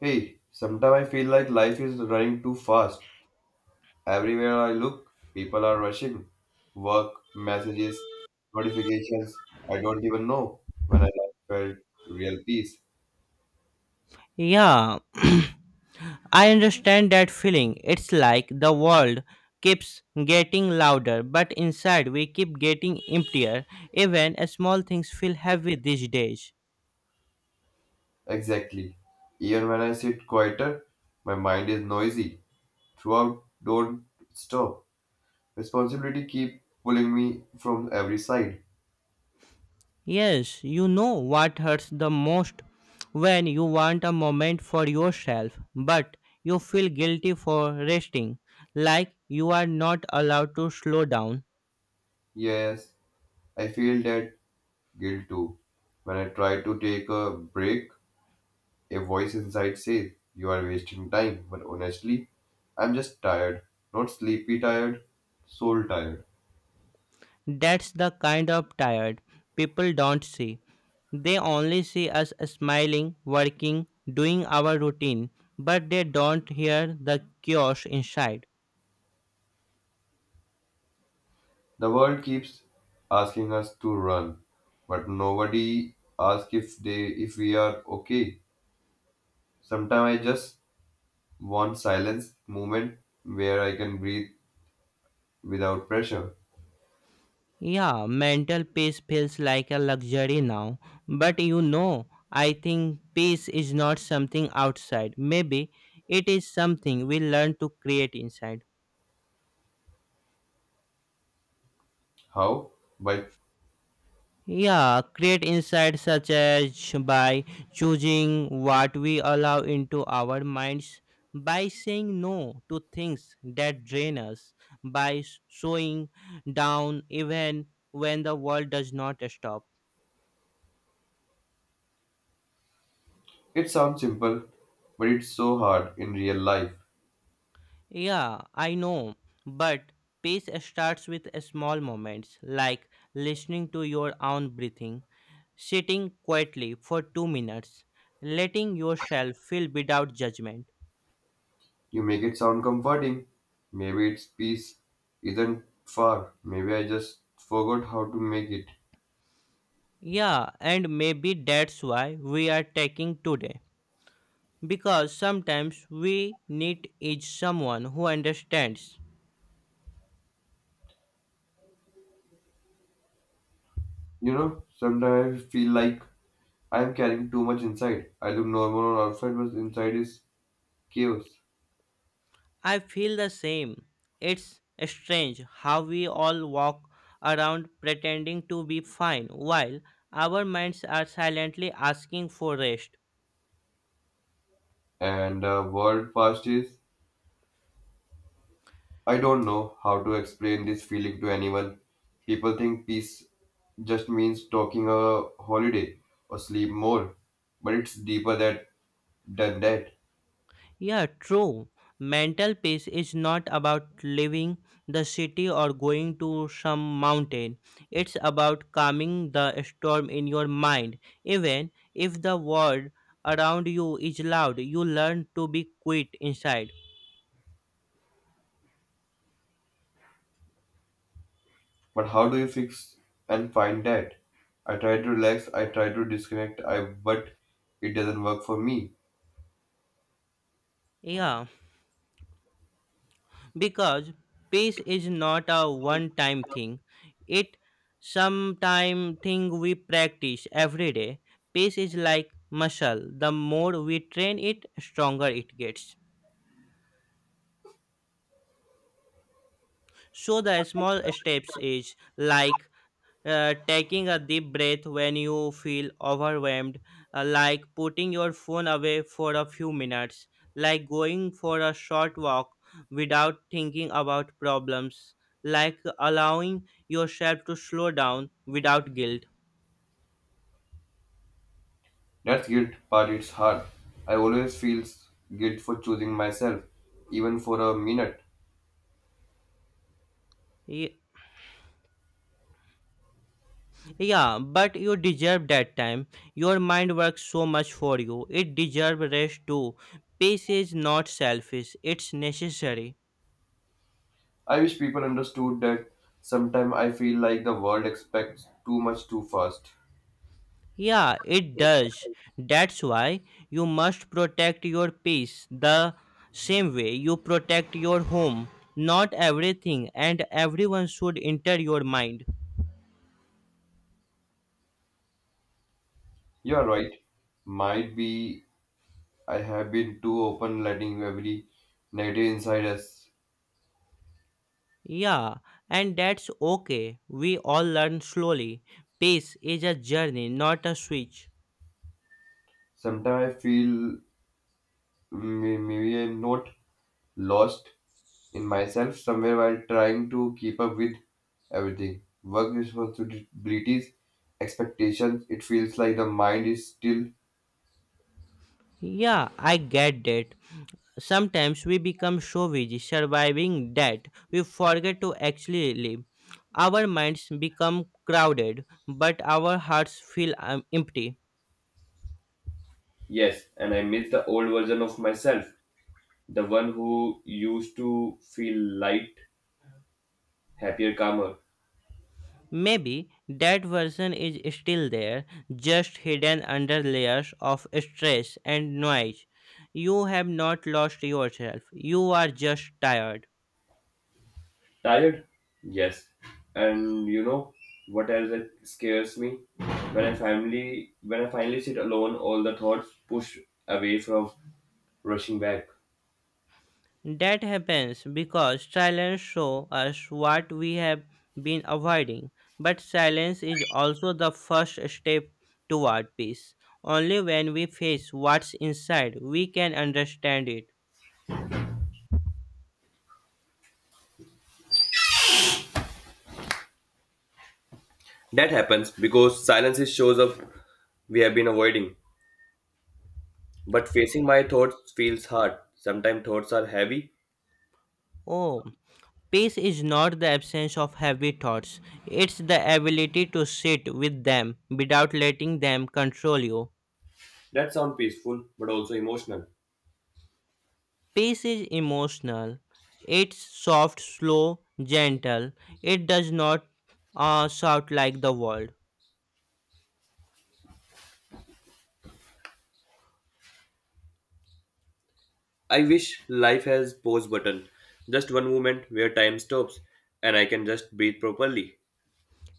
Hey, sometimes I feel like life is running too fast. Everywhere I look, people are rushing. Work, messages, notifications. I don't even know when I last felt real peace. Yeah, I understand that feeling. It's like the world keeps getting louder, but inside we keep getting emptier. Even small things feel heavy these days. Exactly. Even when I sit quieter, my mind is noisy. Throughout, don't stop. Responsibility keep pulling me from every side. Yes, you know what hurts the most when you want a moment for yourself, but you feel guilty for resting, like you are not allowed to slow down. Yes, I feel that guilt too. When I try to take a break, a voice inside says, "You are wasting time," but honestly, I'm just tired. Not sleepy tired, soul tired. That's the kind of tired people don't see. They only see us smiling, working, doing our routine, but they don't hear the chaos inside. The world keeps asking us to run, but nobody asks if we are okay. Sometimes I just want silence, moment where I can breathe without pressure. Yeah, mental peace feels like a luxury now, but I think peace is not something outside. Maybe it is something we learn to create inside. How? But Yeah, create insights such as by choosing what we allow into our minds, by saying no to things that drain us, by slowing down even when the world does not stop. It sounds simple, but it's so hard in real life. Yeah, I know, but peace starts with small moments like listening to your own breathing, sitting quietly for 2 minutes, letting yourself feel without judgment. You make it sound comforting. Maybe its peace isn't far. Maybe I just forgot how to make it. Yeah, and maybe that's why we are taking today. Because sometimes we need is someone who understands. You know, sometimes I feel like I'm carrying too much inside. I look normal on outside, but inside is chaos. I feel the same. It's strange how we all walk around pretending to be fine while our minds are silently asking for rest. And the world past is. I don't know how to explain this feeling to anyone. People think peace just means talking a holiday or sleep more, but it's deeper than that. Yeah, true. Mental peace is not about leaving the city or going to some mountain. It's about calming the storm in your mind. Even if the world around you is loud, you learn to be quiet inside. But how do you fix and find that? I try to relax, I try to disconnect, I but it doesn't work for me. Yeah, because peace is not a one time thing. It sometime thing we practice every day. Peace is like muscle. The more we train it, stronger it gets. So the small steps is like taking a deep breath when you feel overwhelmed, like putting your phone away for a few minutes, like going for a short walk without thinking about problems, like allowing yourself to slow down without guilt. That's guilt part it's hard. I always feel guilt for choosing myself, even for a minute. Ye- Yeah, but you deserve that time. Your mind works so much for you. It deserves rest too. Peace is not selfish, it's necessary. I wish people understood that sometimes I feel like the world expects too much too fast. Yeah, it does. That's why you must protect your peace the same way you protect your home. Not everything and everyone should enter your mind. You're right. Might be I have been too open letting every negative inside us. Yeah, and that's okay. We all learn slowly. Peace is a journey, not a switch. Sometimes I feel maybe I'm not lost in myself somewhere while trying to keep up with everything. Work responsibilities, expectations, it feels like the mind is still. Yeah, I get that. Sometimes we become so busy surviving that we forget to actually live. Our minds become crowded, but our hearts feel empty. Yes, and I miss the old version of myself, the one who used to feel light, happier, calmer. Maybe that version is still there, just hidden under layers of stress and noise. You have not lost yourself, you are just tired. Tired? Yes. And you know what else that scares me? When I finally sit alone, all the thoughts push away from rushing back. That happens because silence shows us what we have been avoiding, but silence is also the first step toward peace. Only when we face what's inside, we can understand it. That happens because silence is shows up we have been avoiding. But facing my thoughts feels hard. Sometimes thoughts are heavy. Oh, peace is not the absence of heavy thoughts, it's the ability to sit with them without letting them control you. That sound peaceful, but also emotional. Peace is emotional. It's soft, slow, gentle. It does not shout like the world. I wish life has pause button. Just one moment where time stops and I can just breathe properly.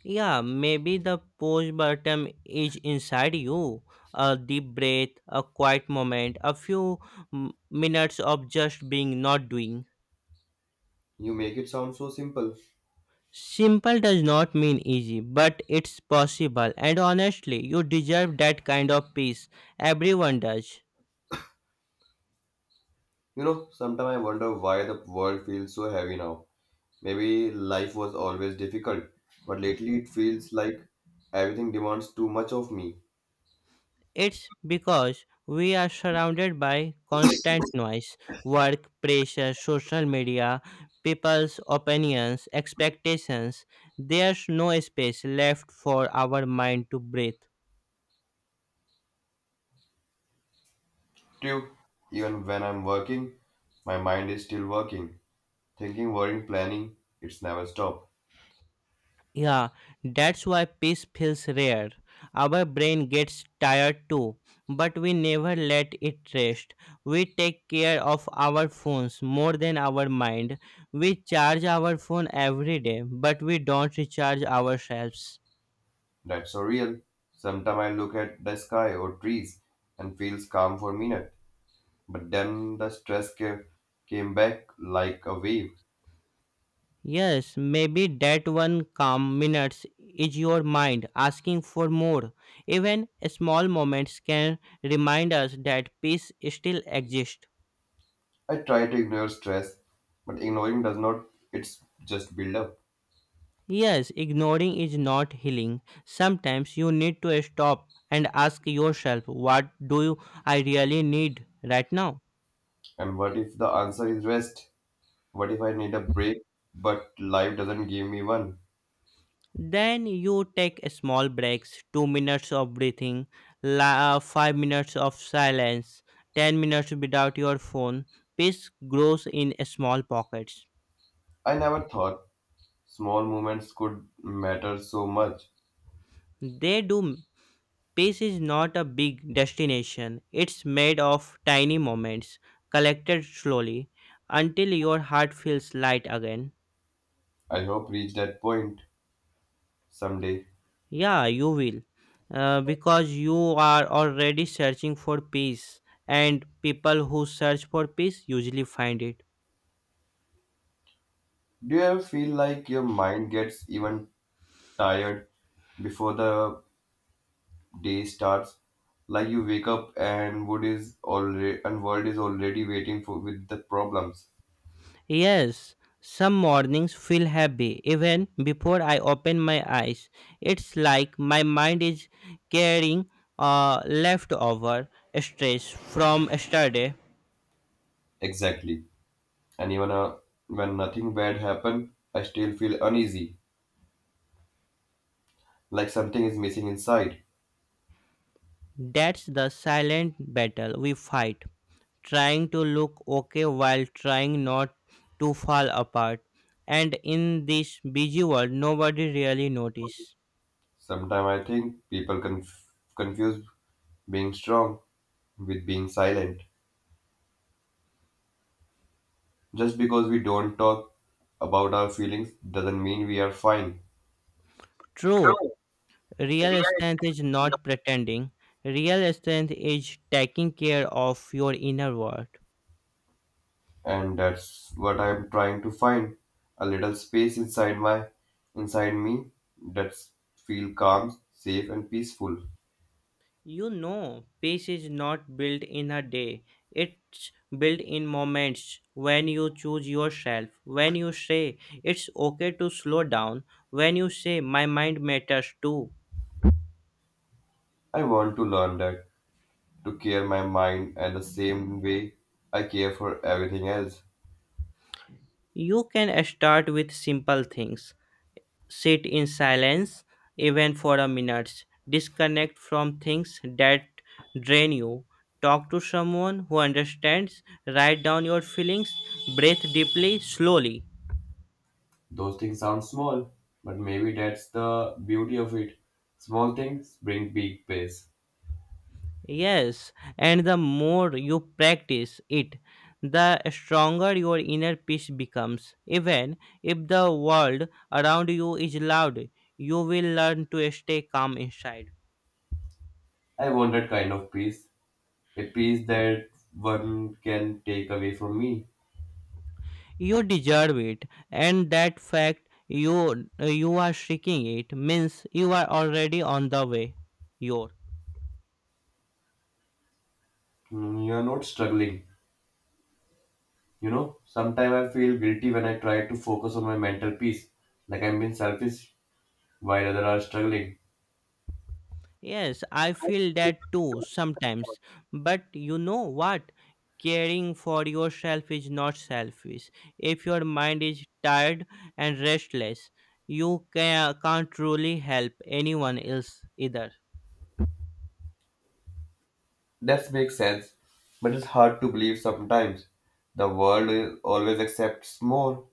Yeah, maybe the pause button is inside you. A deep breath, a quiet moment, a few minutes of just being not doing. You make it sound so simple. Simple does not mean easy, but it's possible. And honestly, you deserve that kind of peace. Everyone does. You know, sometimes I wonder why the world feels so heavy now. Maybe life was always difficult, but lately it feels like everything demands too much of me. It's because we are surrounded by constant noise, work pressure, social media, people's opinions, expectations. There's no space left for our mind to breathe. True, even when I'm working, my mind is still working. Thinking, worrying, planning, it's never stopped. Yeah, that's why peace feels rare. Our brain gets tired too, but we never let it rest. We take care of our phones more than our mind. We charge our phone every day, but we don't recharge ourselves. That's so real. Sometimes I look at the sky or trees and feels calm for a minute, but then the stress came back like a wave. Yes, maybe that one calm minutes is your mind asking for more. Even small moments can remind us that peace still exists. I try to ignore stress, but ignoring does not, it's just build up. Yes, ignoring is not healing. Sometimes you need to stop and ask yourself, what do I really need right now? And what if the answer is rest? What if I need a break, but life doesn't give me one? Then you take a small breaks, 2 minutes of breathing, 5 minutes of silence, 10 minutes without your phone. Peace grows in small pockets. I never thought small moments could matter so much. They do. Peace is not a big destination, it's made of tiny moments, collected slowly, until your heart feels light again. I hope reach that point someday. Yeah, you will. Because you are already searching for peace, and people who search for peace usually find it. Do you ever feel like your mind gets even tired before the day starts? Like you wake up and wood is already and world is already waiting for with the problems. Yes, some mornings feel heavy even before I open my eyes. It's like my mind is carrying a leftover stress from yesterday. Exactly. And even when nothing bad happened, I still feel uneasy, like something is missing inside. That's the silent battle we fight, trying to look okay while trying not to fall apart. And in this busy world, nobody really notices. Sometimes I think people confuse being strong with being silent. Just because we don't talk about our feelings doesn't mean we are fine. True. Real strength is not pretending. Real strength is taking care of your inner world. And that's what I'm trying to find a little space inside me that's feel calm safe and peaceful. Peace is not built in a day. It's built in moments when you choose yourself, when you say it's okay to slow down, when you say my mind matters too. I want to learn that to care my mind and the same way I care for everything else. You can start with simple things sit in silence, even for a minute. Disconnect from things that drain you. Talk to someone who understands. Write down your feelings. Breathe deeply, slowly. Those things sound small, but maybe that's the beauty of it, small things bring big peace. Yes, and the more you practice it, the stronger your inner peace becomes. Even if the world around you is loud, you will learn to stay calm inside. I want that kind of peace, a peace that one can take away from me. You deserve it, and that fact you are seeking it means you are already on the way. Your Mm, you are not struggling. You know, sometimes I feel guilty when I try to focus on my mental peace, like I'm being selfish while others are struggling. Yes, I feel that too sometimes. But you know what? Caring for yourself is not selfish. If your mind is tired and restless, you can't truly help anyone else either. That makes sense, but it's hard to believe sometimes. The world always accepts more.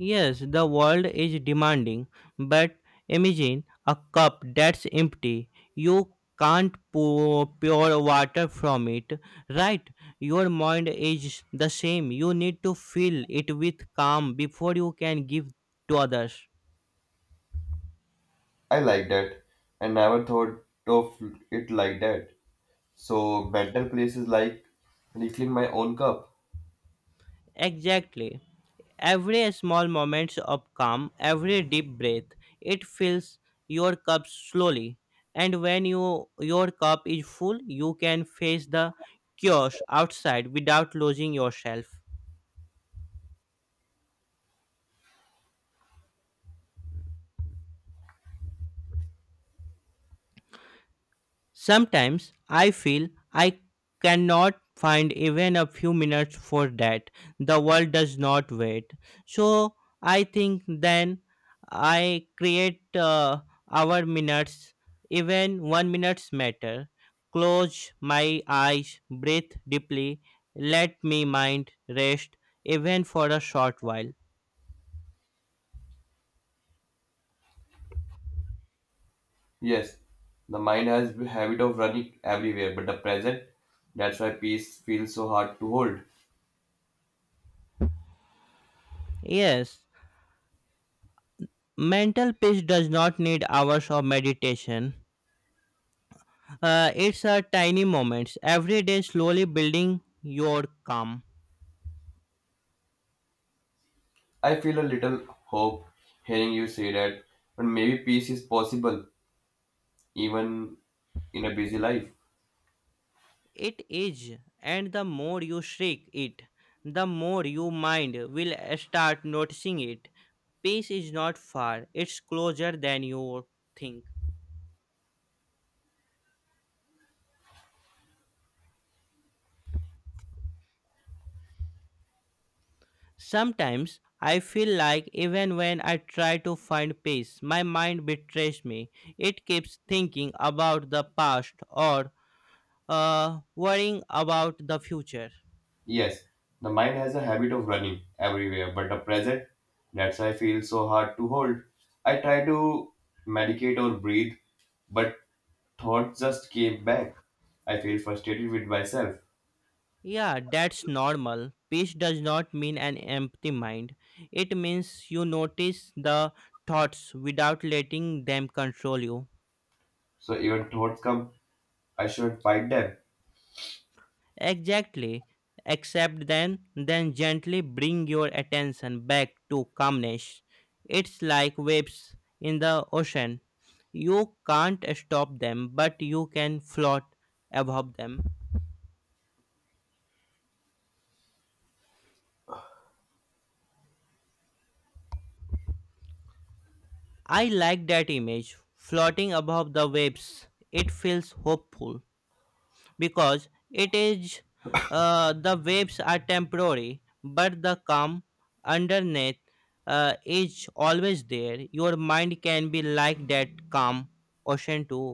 Yes, the world is demanding, but imagine a cup that's empty. You can't pour pure water from it, right? Your mind is the same. You need to fill it with calm before you can give to others. I like that, and never thought of it like that. So, mental place is like refilling my own cup. Exactly. Every small moment of calm, every deep breath, it fills your cup slowly. And when your cup is full, you can face the chaos outside without losing yourself. Sometimes I feel I cannot find even a few minutes for that. The world does not wait. So I think then I create our minutes, even 1 minutes matter. Close my eyes, breathe deeply, let me mind rest even for a short while. Yes, the mind has the habit of running everywhere, but the present, that's why peace feels so hard to hold. Yes, mental peace does not need hours of meditation. It's a tiny moments every day slowly building your calm. I feel a little hope hearing you say that, but maybe peace is possible even in a busy life. It is, and the more you shake it, the more your mind will start noticing it. Peace is not far, it's closer than you think. Sometimes I feel like even when I try to find peace, my mind betrays me. It keeps thinking about the past or worrying about the future. Yes, the mind has a habit of running everywhere, but the present, that's why I feel so hard to hold. I try to medicate or breathe, but thoughts just came back. I feel frustrated with myself. Yeah, that's normal. Peace does not mean an empty mind. It means you notice the thoughts without letting them control you. So even thoughts come, I should fight them. Exactly. Accept them, then gently bring your attention back to calmness. It's like waves in the ocean. You can't stop them, but you can float above them. I like that image. Floating above the waves. It feels hopeful. Because it is the waves are temporary but the calm underneath is always there your mind can be like that calm ocean too.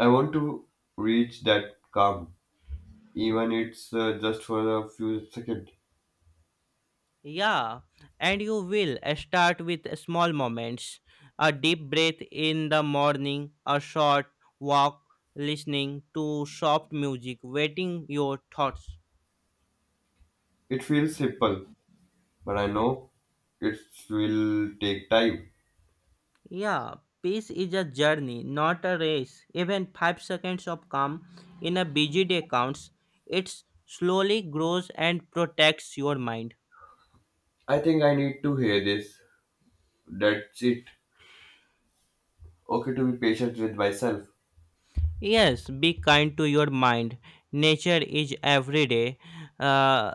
I want to reach that calm, even it's just for a few seconds. Yeah, and you will start with small moments a deep breath in the morning a short walk listening to soft music waiting your thoughts. It feels simple, but I know it will take time. Yeah, peace is a journey, not a race. Even 5 seconds of calm in a busy day counts. It slowly grows and protects your mind. I think I need to hear this. That's it. Okay to be patient with myself. Yes, be kind to your mind. Nature is every day, uh,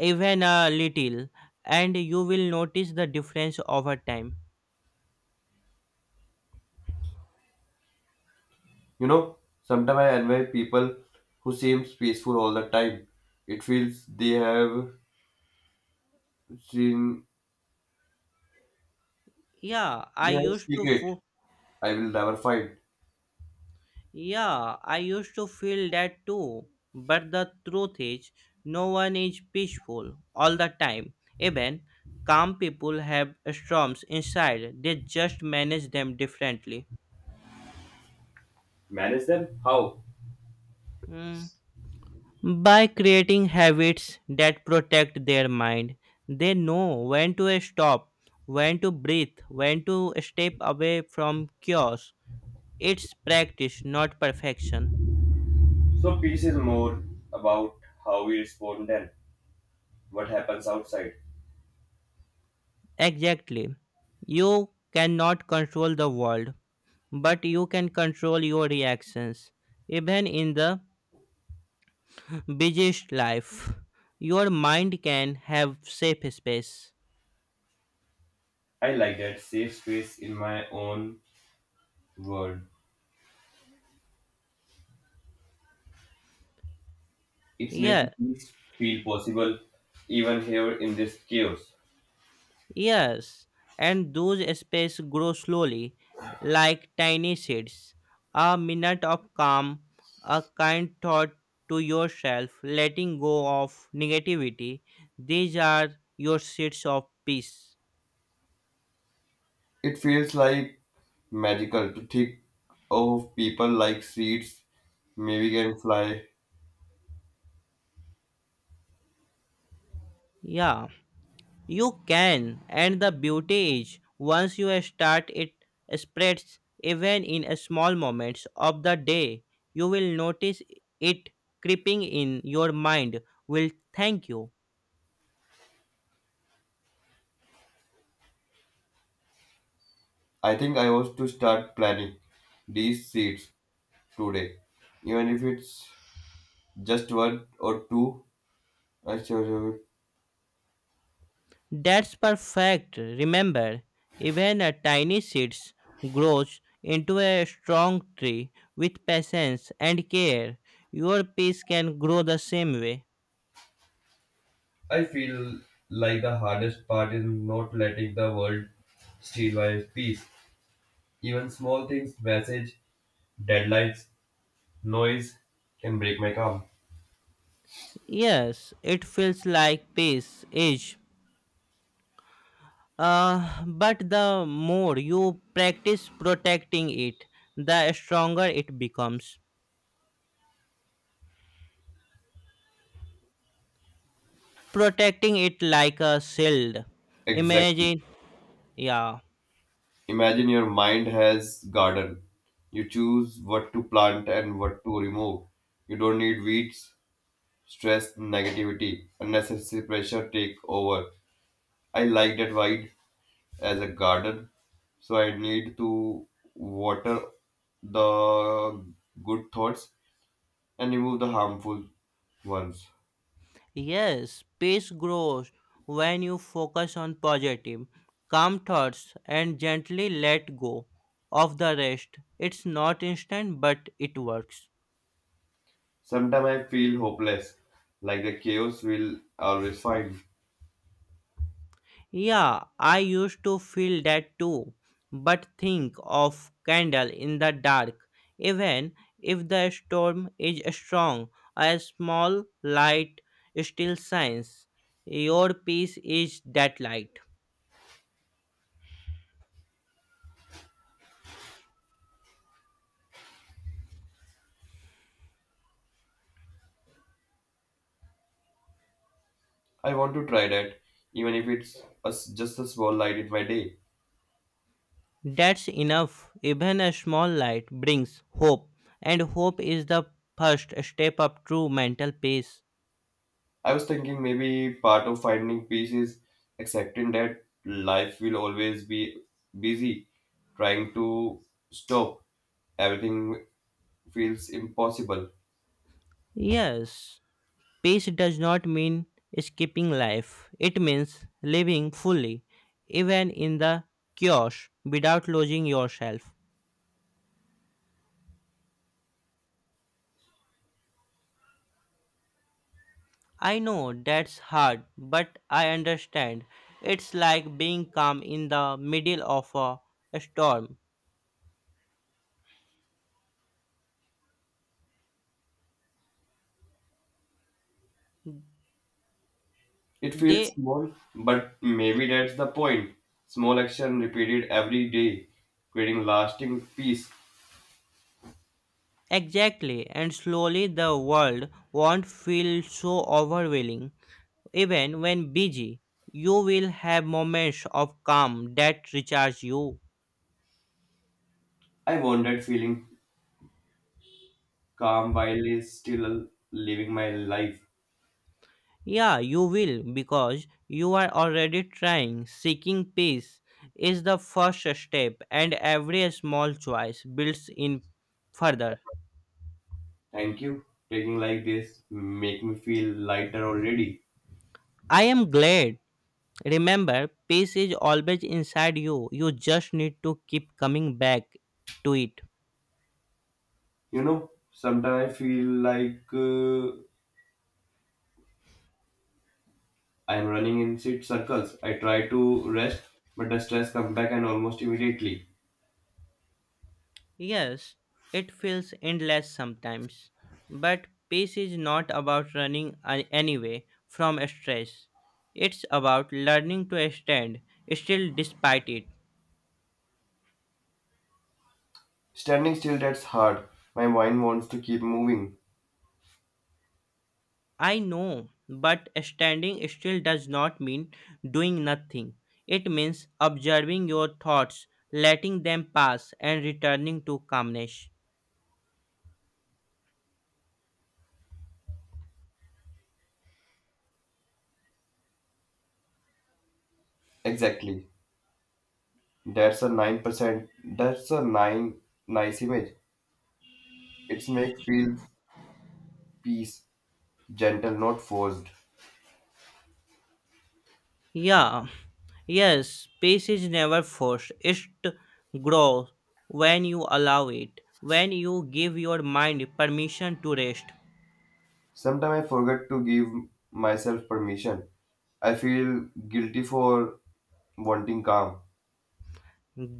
even a little, and you will notice the difference over time. You know, sometimes I envy people who seem peaceful all the time. It feels they have seen Yeah, I they have used to. secret I will never find. Yeah, I used to feel that too. But the truth is, no one is peaceful all the time. Even calm people have storms inside, they just manage them differently. Manage them? How? Mm. By creating habits that protect their mind, they know when to stop, when to breathe, when to step away from chaos. It's practice, not perfection. So peace is more about how we respond than what happens outside. Exactly. You cannot control the world, but you can control your reactions even in the busiest life your mind can have safe space. I like that safe space in my own world. It makes Yeah, peace feel possible even here in this chaos. yes, and those spaces grow slowly like tiny seeds a minute of calm a kind thought to yourself letting go of negativity these are your seeds of peace. It feels like magical to think of people like seeds maybe can fly. Yeah, you can, and the beauty is once you start, it spreads even in small moments of the day. You will notice it creeping in your mind, will thank you. I think I was to start planning these seeds today. Even if it's just one or two, I sure That's perfect. Remember, even a tiny seed grows into a strong tree with patience and care. Your peace can grow the same way. I feel like the hardest part is not letting the world steal my peace. Even small things, message, deadlines, noise can break my calm. Yes, it feels like peace is but the more you practice protecting it, the stronger it becomes. Protecting it like a shield. Exactly. Imagine, yeah, Imagine your mind has garden. You choose what to plant and what to remove. You don't need weeds, stress, negativity, unnecessary pressure take over. I like that wide as a garden, so I need to water the good thoughts and remove the harmful ones. yes, peace grows when you focus on positive, calm thoughts and gently let go of the rest. It's not instant, but it works. Sometimes I feel hopeless, like the chaos will always find. Yeah, I used to feel that too. But think of candle in the dark. Even if the storm is strong, a small light still shines. Your peace is that light. I want to try that, even if it's a s just a small light in my day. That's enough. Even a small light brings hope, and hope is the first step of true mental peace. I was thinking maybe part of finding peace is accepting that life will always be busy. Trying to stop everything feels impossible. Yes. Peace does not mean skipping life, it means living fully, even in the chaos, without losing yourself. I know that's hard, but I understand. It's like being calm in the middle of a storm. It feels They small, but maybe that's the point. Small action repeated every day, creating lasting peace. Exactly, and slowly the world won't feel so overwhelming. Even when busy, you will have moments of calm that recharge you. I want that feeling calm while is still living my life. Yeah, you will because you are already trying. Seeking peace is the first step, and every small choice builds in further. Thank you. Taking like this make me feel lighter already. I am glad. Remember, peace is always inside you. You just need to keep coming back to it. You know, sometimes I feel like I'm running in sit circles. I try to rest, but the stress comes back and almost immediately. Yes, it feels endless sometimes, but peace is not about running anyway from stress. It's about learning to stand still despite it. Standing still, that's hard. My mind wants to keep moving. I know, but standing still does not mean doing nothing. It means observing your thoughts, letting them pass, and returning to calmness. Exactly. That's a nine percent. That's a nine nice image. It's make feel peace, gentle, not forced. Yeah, yes, peace is never forced. It grows when you allow it, when you give your mind permission to rest. Sometimes I forget to give myself permission. I feel guilty for wanting calm.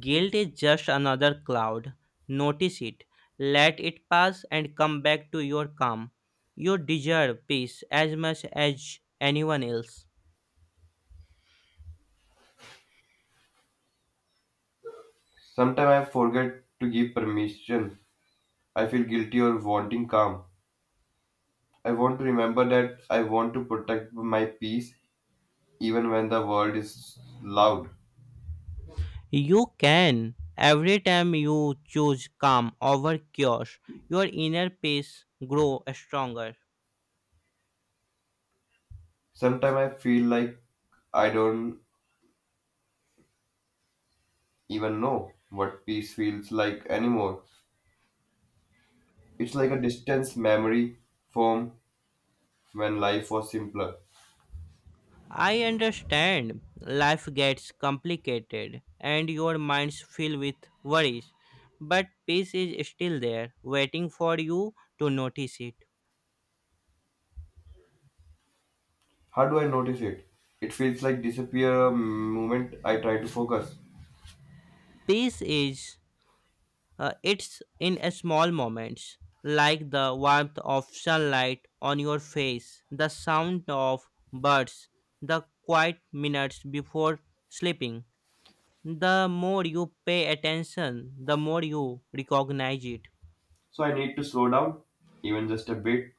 Guilt is just another cloud. Notice it, let it pass, and come back to your calm. You deserve peace as much as anyone else. Sometimes I forget to give permission. I feel guilty or wanting calm. I want to remember that I want to protect my peace even when the world is loud. You can. Every time you choose calm over chaos, your inner peace grows stronger. Sometimes I feel like I don't even know what peace feels like anymore. It's like a distant memory form when life was simpler. I understand life gets complicated and your minds fill with worries, but peace is still there, waiting for you to notice it. How do I notice it? It feels like disappear a moment I try to focus. Peace is it's in a small moments, like the warmth of sunlight on your face, the sound of birds, the quiet minutes before sleeping. The more you pay attention, the more you recognize it. So I need to slow down, even just a bit.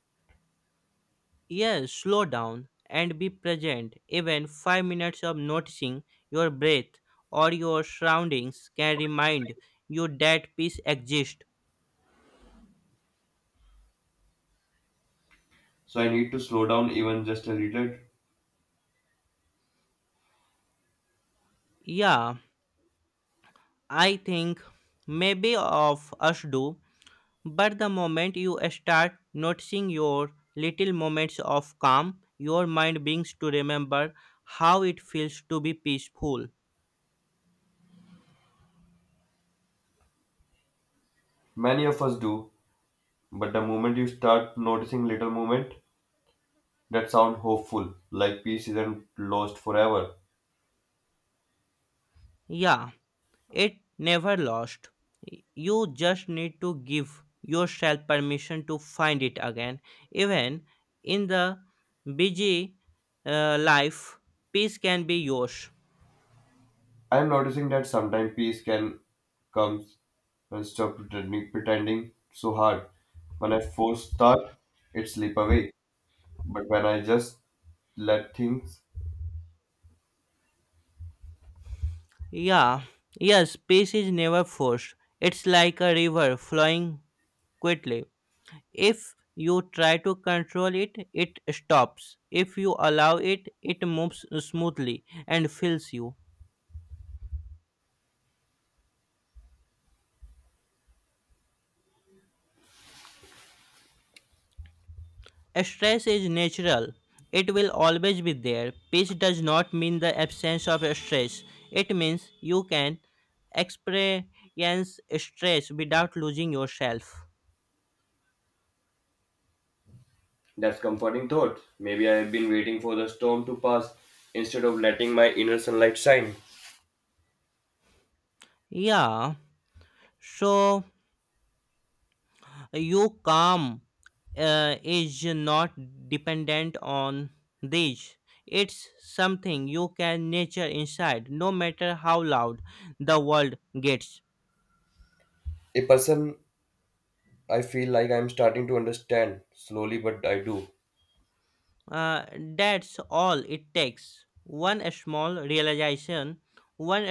Yes, slow down and be present. Even 5 minutes of noticing your breath or your surroundings can remind you that peace exists. So I need to slow down even just a little. Yeah, I think maybe of us do, but the moment you start noticing your little moments of calm, your mind begins to remember how it feels to be peaceful. Many of us do, but the moment you start noticing little movement that sound hopeful, like peace isn't lost forever. Yeah, it never lost. You just need to give yourself permission to find it again. Even in the busy life, peace can be yours. I am noticing that sometimes peace can comes when stop pretending, pretending so hard. When I force start, it slip away. But when I just let things. Yeah, yes. Peace is never forced. It's like a river flowing quickly. If you try to control it, it stops. If you allow it, it moves smoothly and fills you. Stress is natural. It will always be there. Peace does not mean the absence of stress. It means you can experience stress without losing yourself. That's comforting thought. Maybe I have been waiting for the storm to pass instead of letting my inner sunlight shine. Yeah. So your calm is not dependent on these. It's something you can nurture inside, no matter how loud the world gets. A person I feel like I'm starting to understand slowly, but I do. Uh, that's all it takes. One small realization, one